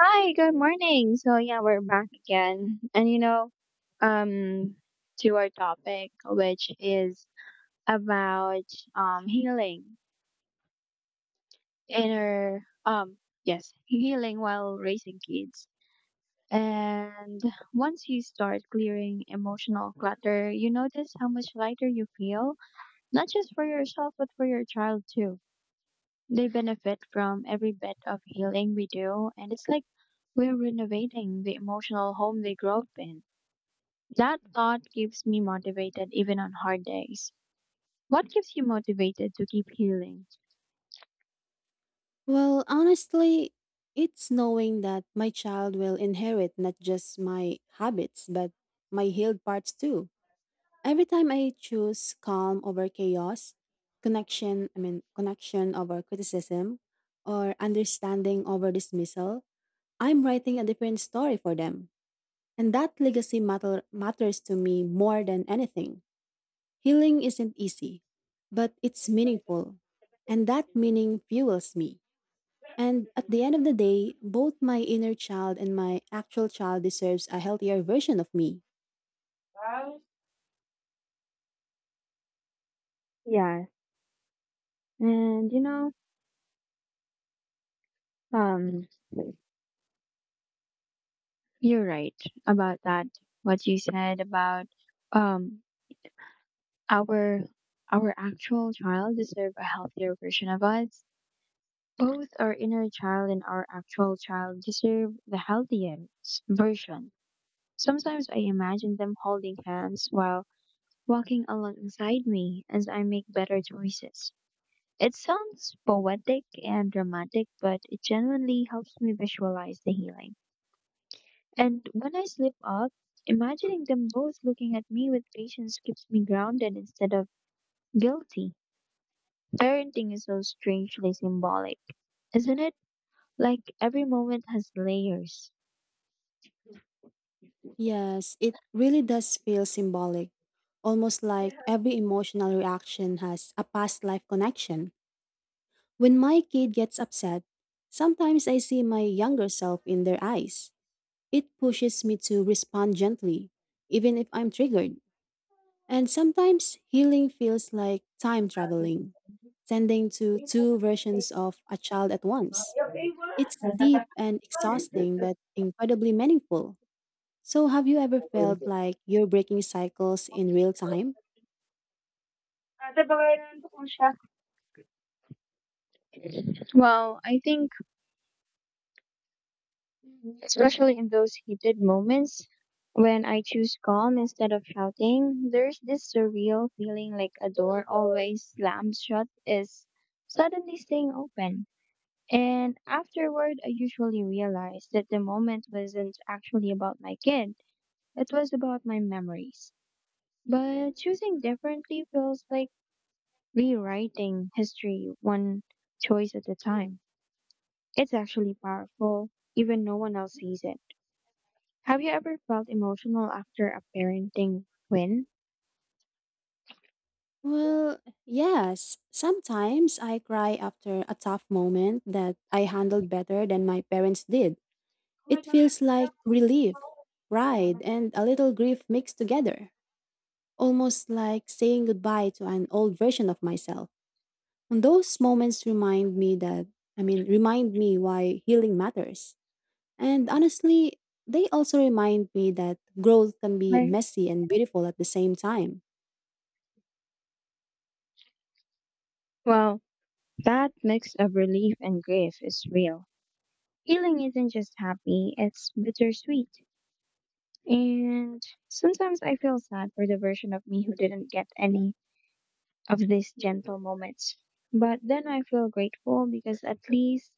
Hi, good morning. So yeah, we're back again. Um to our topic, which is about healing inner yes, healing while raising kids. And once you start clearing emotional clutter, you notice how much lighter you feel, not just for yourself but for your child too. They benefit from every bit of healing we do, and it's like we're renovating the emotional home they grew up in. That thought keeps me motivated even on hard days. What keeps you motivated to keep healing? Well, honestly, it's knowing that my child will inherit not just my habits, but my healed parts too. Every time I choose calm over chaos, connection over criticism, or understanding over dismissal, I'm writing a different story for them. And that matters to me more than anything. Healing isn't easy, but it's meaningful. And that meaning fuels me. And at the end of the day, both my inner child and my actual child deserves a healthier version of me. Yes. And you know, um, You're right about that. What you said about um our our actual child deserve a healthier version of us. Both our inner child and our actual child deserve the healthiest version. Sometimes I imagine them holding hands while walking alongside me as I make better choices. It sounds poetic and dramatic, but it genuinely helps me visualize the healing. And when I slip up, imagining them both looking at me with patience keeps me grounded instead of guilty. Parenting is so strangely symbolic, isn't it? Like every moment has layers. Yes, it really does feel symbolic, almost like every emotional reaction has a past life connection. When my kid gets upset, sometimes I see my younger self in their eyes. It pushes me to respond gently, even if I'm triggered. And sometimes healing feels like time traveling, tending to two versions of a child at once. It's deep and exhausting, but incredibly meaningful. So, have you ever felt like you're breaking cycles in real time? Well, I think, especially in those heated moments, when I choose calm instead of shouting, there's this surreal feeling like a door always slammed shut is suddenly staying open. And afterward, I usually realize that the moment wasn't actually about my kid, it was about my memories. But choosing differently feels like rewriting history one choice at a time. It's actually powerful, even no one else sees it. Have you ever felt emotional after a parenting win? Well, yes. Sometimes I cry after a tough moment that I handled better than my parents did. It feels like relief, pride, and a little grief mixed together, almost like saying goodbye to an old version of myself. And those moments remind me that, remind me why healing matters. And honestly, they also remind me that growth can be Right. messy and beautiful at the same time. Well, that mix of relief and grief is real. Healing isn't just happy, it's bittersweet. And sometimes I feel sad for the version of me who didn't get any of these gentle moments. But then I feel grateful because at least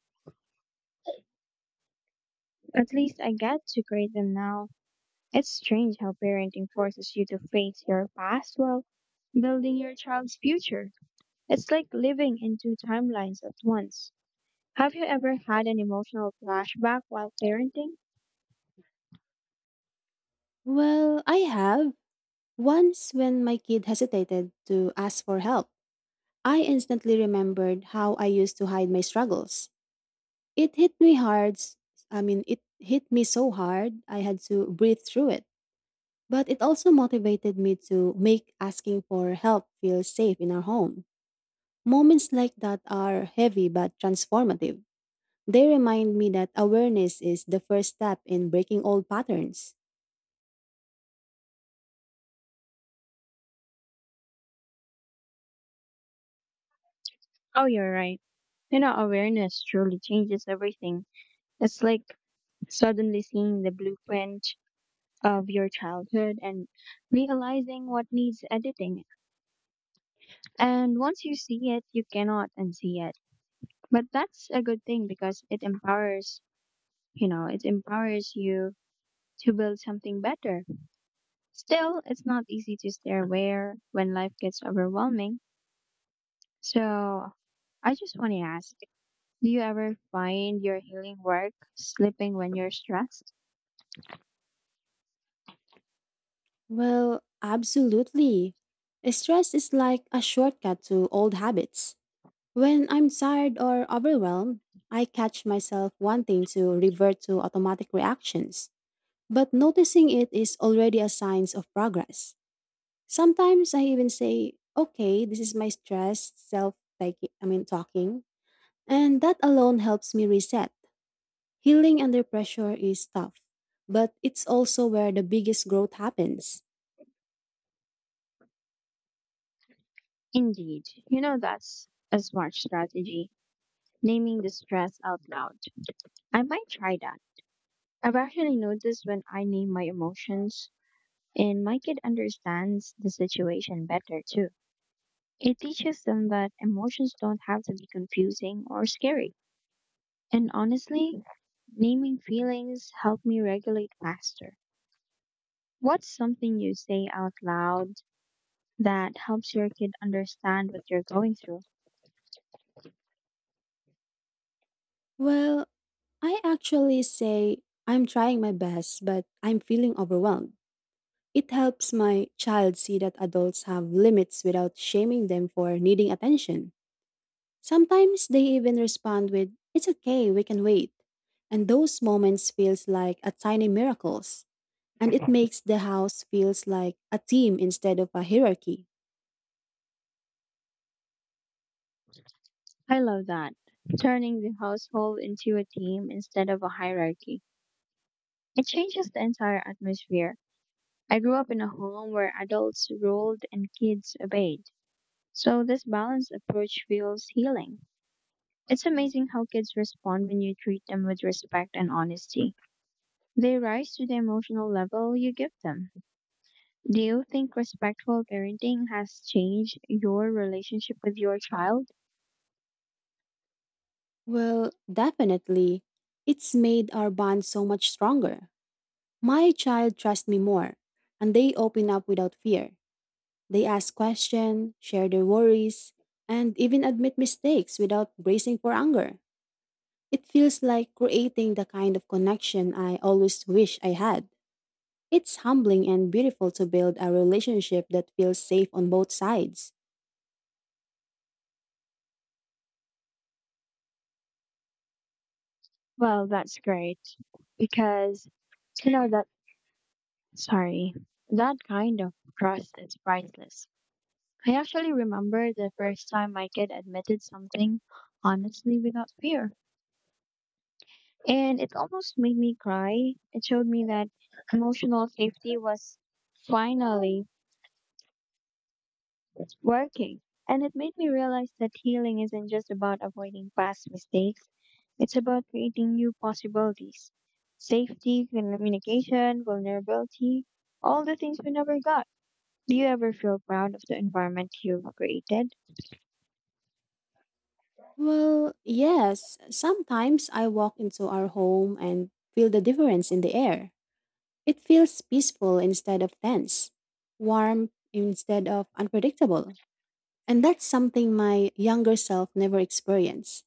at least I get to create them now. It's strange how parenting forces you to face your past while building your child's future. It's like living in two timelines at once. Have you ever had an emotional flashback while parenting? Well, I have. Once, when my kid hesitated to ask for help, I instantly remembered how I used to hide my struggles. It hit me hard. It hit me so hard, I had to breathe through it. But it also motivated me to make asking for help feel safe in our home. Moments like that are heavy but transformative. They remind me that awareness is the first step in breaking old patterns. Oh, you're right. You know, awareness truly changes everything. It's like suddenly seeing the blueprint of your childhood and realizing what needs editing. And once you see it, you cannot unsee it. But that's a good thing because it empowers it empowers you to build something better. Still, it's not easy to stay aware when life gets overwhelming. So, I just want to ask, do you ever find your healing work slipping when you're stressed? Well, absolutely. Stress is like a shortcut to old habits. When I'm tired or overwhelmed, I catch myself wanting to revert to automatic reactions. But noticing it is already a sign of progress. Sometimes I even say, okay, this is my stress, self, talking. And that alone helps me reset. Healing under pressure is tough, but it's also where the biggest growth happens. Indeed. You know, that's a smart strategy, naming the stress out loud. I might try that. I've actually noticed when I name my emotions, and my kid understands the situation better too. It teaches them that emotions don't have to be confusing or scary. And honestly, naming feelings helped me regulate faster. What's something you say out loud that helps your kid understand what you're going through? Well, I actually say I'm trying my best, but I'm feeling overwhelmed. It helps my child see that adults have limits without shaming them for needing attention. Sometimes they even respond with, "It's okay, we can wait." And those moments feels like a tiny miracles, and it makes the house feels like a team instead of a hierarchy. I love that. Turning the household into a team instead of a hierarchy. It changes the entire atmosphere. I grew up in a home where adults ruled and kids obeyed. So this balanced approach feels healing. It's amazing how kids respond when you treat them with respect and honesty. They rise to the emotional level you give them. Do you think respectful parenting has changed your relationship with your child? Well, definitely. It's made our bond so much stronger. My child trusts me more, and they open up without fear. They ask questions, share their worries, and even admit mistakes without bracing for anger. It feels like creating the kind of connection I always wish I had. It's humbling and beautiful to build a relationship that feels safe on both sides. Well, that's great because you know that sorry, that kind of trust is priceless. I actually remember the first time my kid admitted something honestly without fear. And it almost made me cry. It showed me that emotional safety was finally working. And it made me realize that healing isn't just about avoiding past mistakes, it's about creating new possibilities. Safety, communication, vulnerability, all the things we never got. Do you ever feel proud of the environment you've created? Well, yes, sometimes I walk into our home and feel the difference in the air. It feels peaceful instead of tense, warm instead of unpredictable. And that's something my younger self never experienced.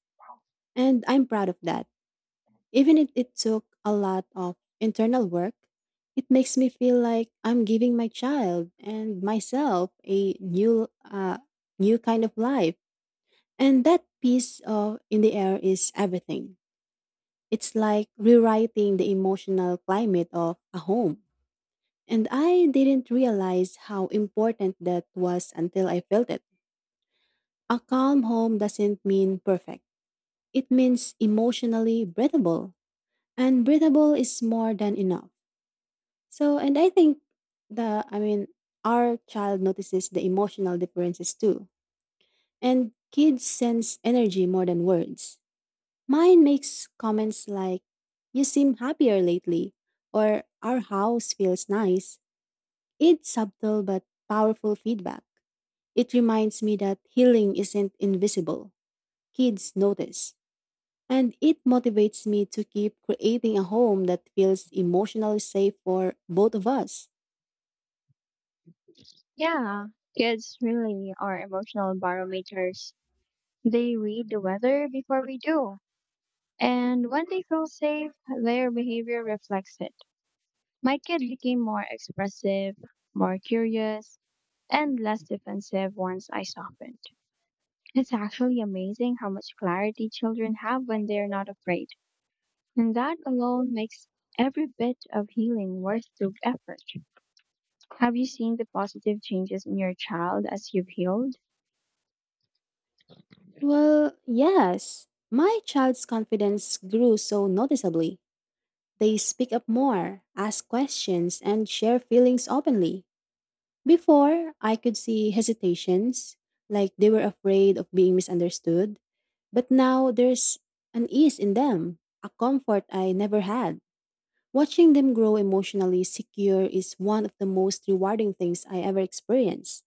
And I'm proud of that. Even if it took a lot of internal work, it makes me feel like I'm giving my child and myself a new kind of life. And that piece of in the air is everything. It's like rewriting the emotional climate of a home. And I didn't realize how important that was until I felt it. A calm home doesn't mean perfect, it means emotionally breathable. And breathable is more than enough. So, and I think the, I mean, our child notices the emotional differences too. And kids sense energy more than words. Mine makes comments like, You seem happier lately, or Our house feels nice. It's subtle but powerful feedback. It reminds me that healing isn't invisible. Kids notice. And it motivates me to keep creating a home that feels emotionally safe for both of us. Yeah, kids really are emotional barometers. They read the weather before we do. And when they feel safe, their behavior reflects it. My kid became more expressive, more curious, and less defensive once I softened. It's actually amazing how much clarity children have when they're not afraid. And that alone makes every bit of healing worth the effort. Have you seen the positive changes in your child as you've healed? Well, yes. My child's confidence grew so noticeably. They speak up more, ask questions, and share feelings openly. Before, I could see hesitations, like they were afraid of being misunderstood. But now there's an ease in them, a comfort I never had. Watching them grow emotionally secure is one of the most rewarding things I ever experienced.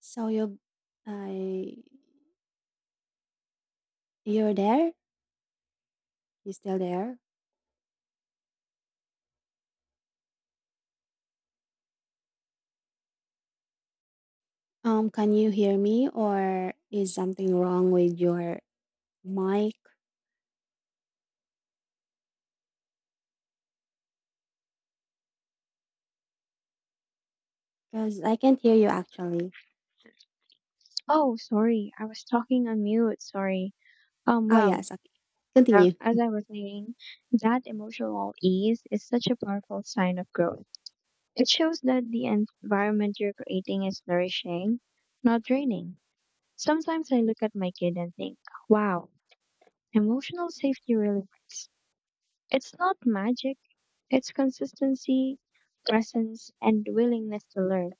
So I, you're there. You still there? Can you hear me, or is something wrong with your mic? Because I can't hear you actually. Oh, sorry, I was talking on mute, sorry. Oh Well. yes, okay. So, Continue. as I was saying, that emotional ease is such a powerful sign of growth. It shows that the environment you're creating is nourishing, not draining. Sometimes I look at my kid and think, wow, emotional safety really works. It's not magic, it's consistency, presence, and willingness to learn.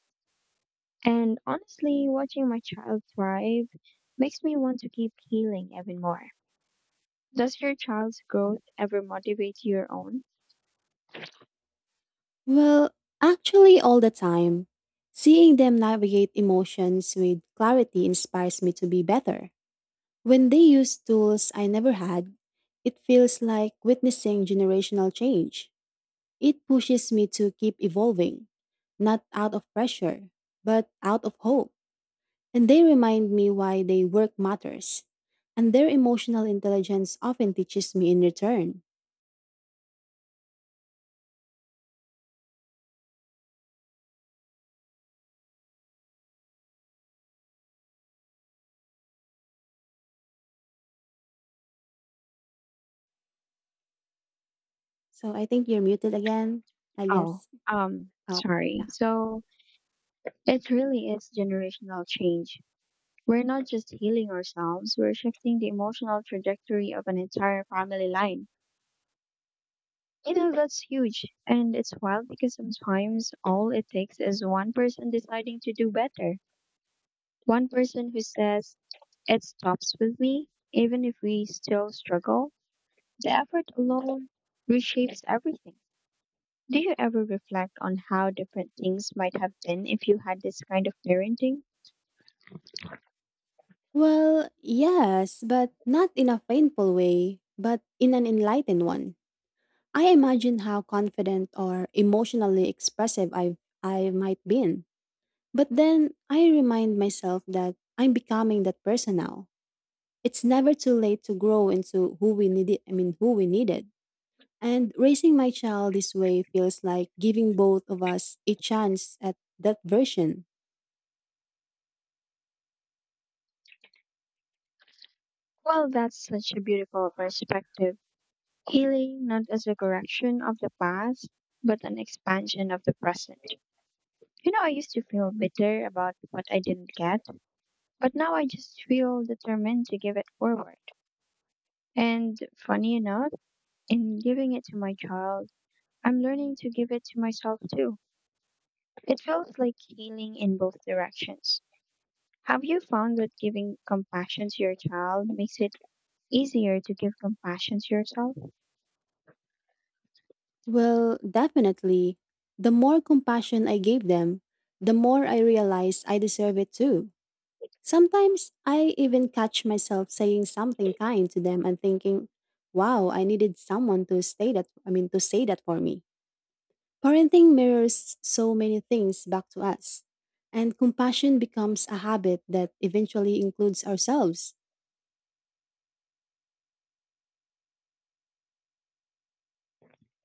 And honestly, watching my child thrive makes me want to keep healing even more. Does your child's growth ever motivate your own? Well, actually, all the time, seeing them navigate emotions with clarity inspires me to be better. When they use tools I never had, it feels like witnessing generational change. It pushes me to keep evolving, not out of pressure, but out of hope. And they remind me why they work matters. And their emotional intelligence often teaches me in return. So I think you're muted again, I Oh, guess. Oh, sorry. yeah. So it really is generational change. We're not just healing ourselves, we're shifting the emotional trajectory of an entire family line. You know, that's huge. And it's wild because sometimes all it takes is one person deciding to do better. One person who says, it stops with me, even if we still struggle. The effort alone reshapes everything. Do you ever reflect on how different things might have been if you had this kind of parenting? Well, yes, but not in a painful way, but in an enlightened one. I imagine how confident or emotionally expressive I might been. But then I remind myself that I'm becoming that person now. It's never too late to grow into who we needed. And raising my child this way feels like giving both of us a chance at that version. Well, that's such a beautiful perspective. Healing not as a correction of the past, but an expansion of the present. You know, I used to feel bitter about what I didn't get, but now I just feel determined to give it forward. And funny enough, in giving it to my child, I'm learning to give it to myself too. It feels like healing in both directions. Have you found that giving compassion to your child makes it easier to give compassion to yourself? Well, definitely, the more compassion I gave them, the more I realized I deserve it too. Sometimes I even catch myself saying something kind to them and thinking, wow, I needed someone to stay that I mean to say that for me. Parenting mirrors so many things back to us. And compassion becomes a habit that eventually includes ourselves.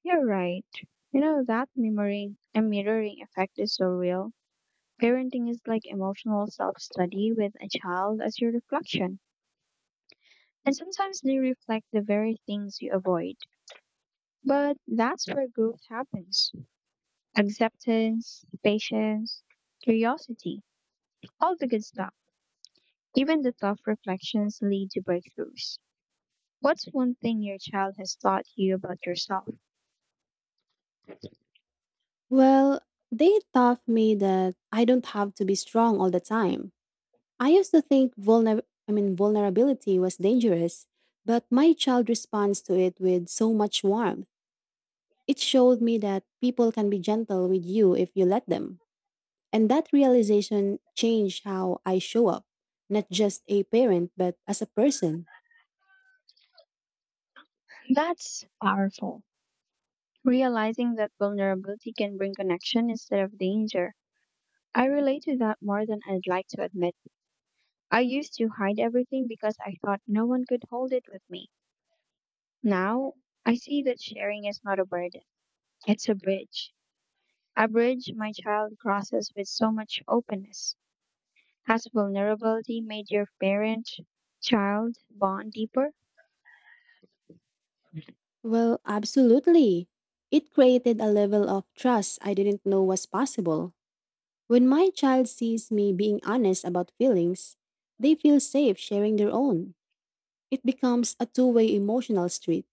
You're right. You know, that mirroring effect is so real. Parenting is like emotional self study with a child as your reflection. And sometimes they reflect the very things you avoid. But that's where growth happens, acceptance, patience, curiosity, all the good stuff. Even the tough reflections lead to breakthroughs. What's one thing your child has taught you about yourself? Well, they taught me that I don't have to be strong all the time. I used to think vulnerability was dangerous, but my child responds to it with so much warmth. It showed me that people can be gentle with you if you let them. And that realization changed how I show up, not just a parent, but as a person. That's wow. Realizing that vulnerability can bring connection instead of danger. I relate to that more than I'd like to admit. I used to hide everything because I thought no one could hold it with me. Now, I see that sharing is not a burden, it's a bridge. A bridge my child crosses with so much openness. Has vulnerability made your parent child bond deeper? Well, absolutely. It created a level of trust I didn't know was possible. When my child sees me being honest about feelings, they feel safe sharing their own. It becomes a two-way emotional street.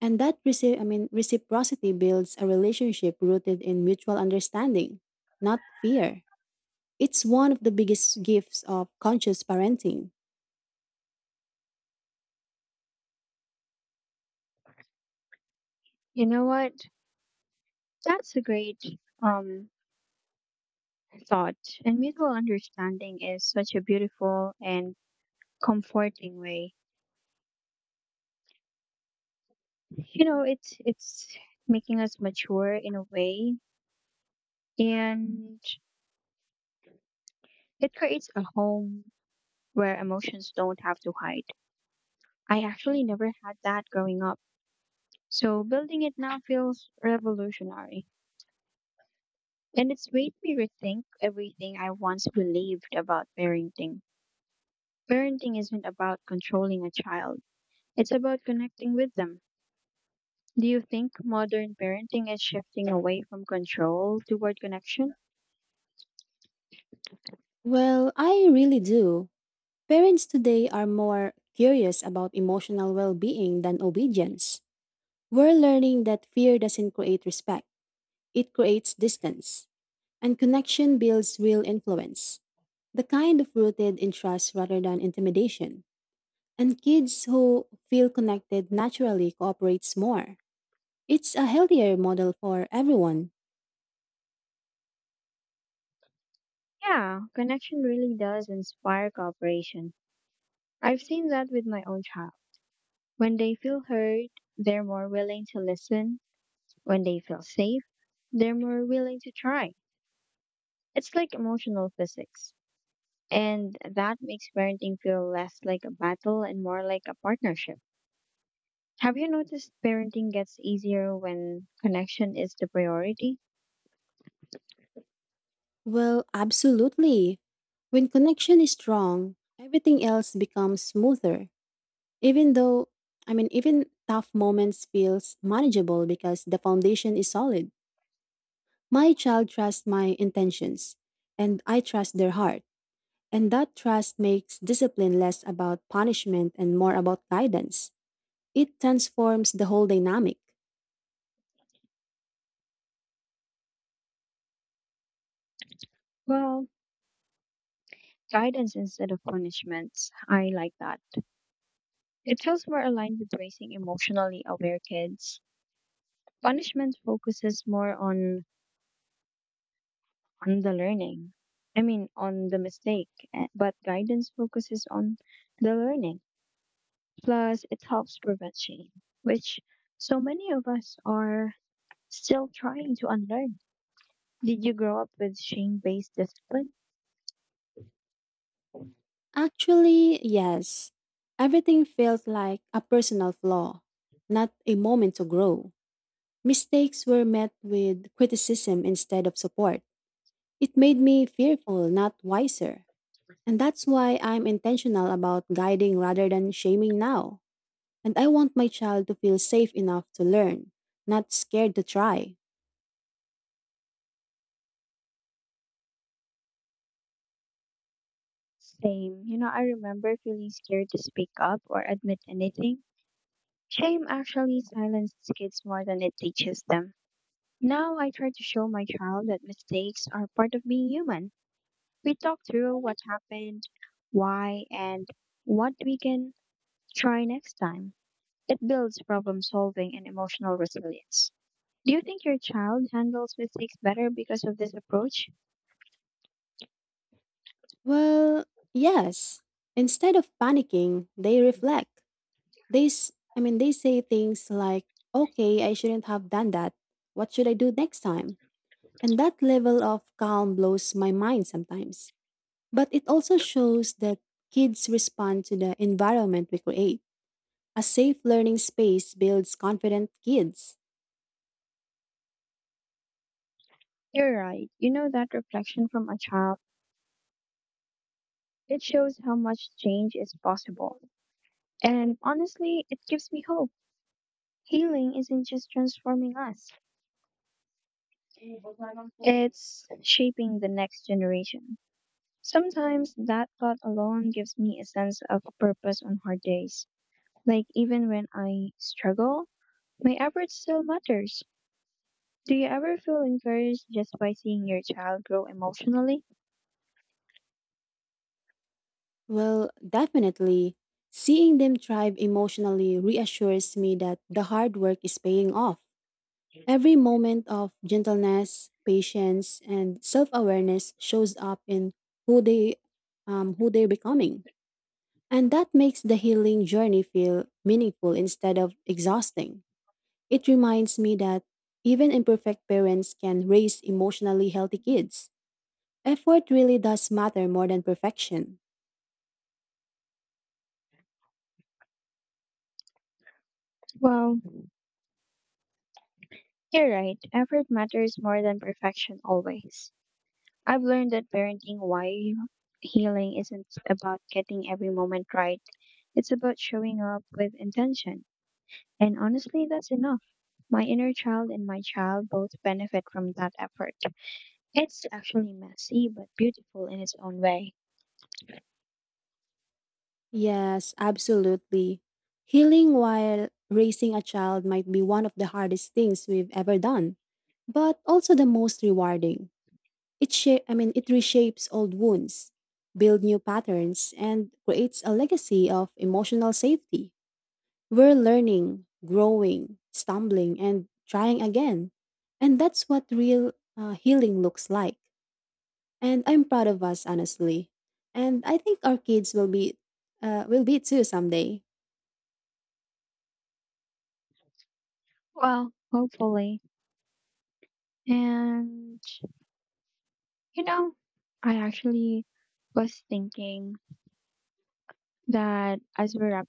And that reciprocity builds a relationship rooted in mutual understanding, not fear. It's one of the biggest gifts of conscious parenting. You know what? That's a great um thought. And mutual understanding is such a beautiful and comforting way. You know, it's making us mature in a way, and it creates a home where emotions don't have to hide. I actually never had that growing up. So building it now feels revolutionary. And it's made me rethink everything I once believed about parenting. Parenting isn't about controlling a child, it's about connecting with them. Do you think modern parenting is shifting away from control toward connection? Well, I really do. Parents today are more curious about emotional well being than obedience. We're learning that fear doesn't create respect, it creates distance, and connection builds real influence. The kind of rooted in trust rather than intimidation. And kids who feel connected naturally cooperates more. It's a healthier model for everyone. Yeah, connection really does inspire cooperation. I've seen that with my own child. When they feel heard, they're more willing to listen. When they feel safe, they're more willing to try. It's like emotional physics. And that makes parenting feel less like a battle and more like a partnership. Have you noticed parenting gets easier when connection is the priority? Well, absolutely. When connection is strong, everything else becomes smoother. Even though, I mean, Even tough moments feels manageable because the foundation is solid. My child trusts my intentions and I trust their heart. And that trust makes discipline less about punishment and more about guidance. It transforms the whole dynamic. Well, guidance instead of punishments. I like that. It feels more aligned with raising emotionally aware kids. Punishment focuses more on the learning. I mean, on the mistake, eh, but guidance focuses on the learning. Plus, it helps prevent shame, which so many of us are still trying to unlearn. Did you grow up with shame based discipline? Actually, yes. Everything felt like a personal flaw, not a moment to grow. Mistakes were met with criticism instead of support. It made me fearful, not wiser. And that's why I'm intentional about guiding rather than shaming now. And I want my child to feel safe enough to learn, not scared to try. Same. You know, I remember feeling scared to speak up or admit anything. Shame actually silences kids more than it teaches them. Now I try to show my child that mistakes are part of being human. We talk through what happened, why, and what we can try next time. It builds problem solving and emotional resilience. Do you think your child handles mistakes better because of this approach? Well, yes. Instead of panicking, they reflect. They say things like, okay, I shouldn't have done that. What should I do next time? And that level of calm blows my mind sometimes. But it also shows that kids respond to the environment we create. A safe learning space builds confident kids. You're right. You know, that reflection from a child, it shows how much change is possible. And honestly, it gives me hope. Healing isn't just transforming us, it's shaping the next generation. Sometimes that thought alone gives me a sense of purpose on hard days. Like even when I struggle, my effort still matters. Do you ever feel encouraged just by seeing your child grow emotionally? Well, definitely. Seeing them thrive emotionally reassures me that the hard work is paying off. Every moment of gentleness, patience, and self awareness shows up in who they who they're becoming. And that makes the healing journey feel meaningful instead of exhausting. It reminds me that even imperfect parents can raise emotionally healthy kids. Effort really does matter more than perfection. Well, you're right, effort matters more than perfection always. I've learned that parenting while healing isn't about getting every moment right, it's about showing up with intention. And honestly, that's enough. My inner child and my child both benefit from that effort. It's actually messy, but beautiful in its own way. Yes, absolutely. Healing while raising a child might be one of the hardest things we've ever done, but also the most rewarding. It shape I mean it reshapes old wounds, build new patterns and creates a legacy of emotional safety. We're learning, growing, stumbling, and trying again. And that's what real healing looks like. And I'm proud of us, honestly. And I think our kids will be too someday. Well, hopefully. And, you know, I actually was thinking that as we're wrapping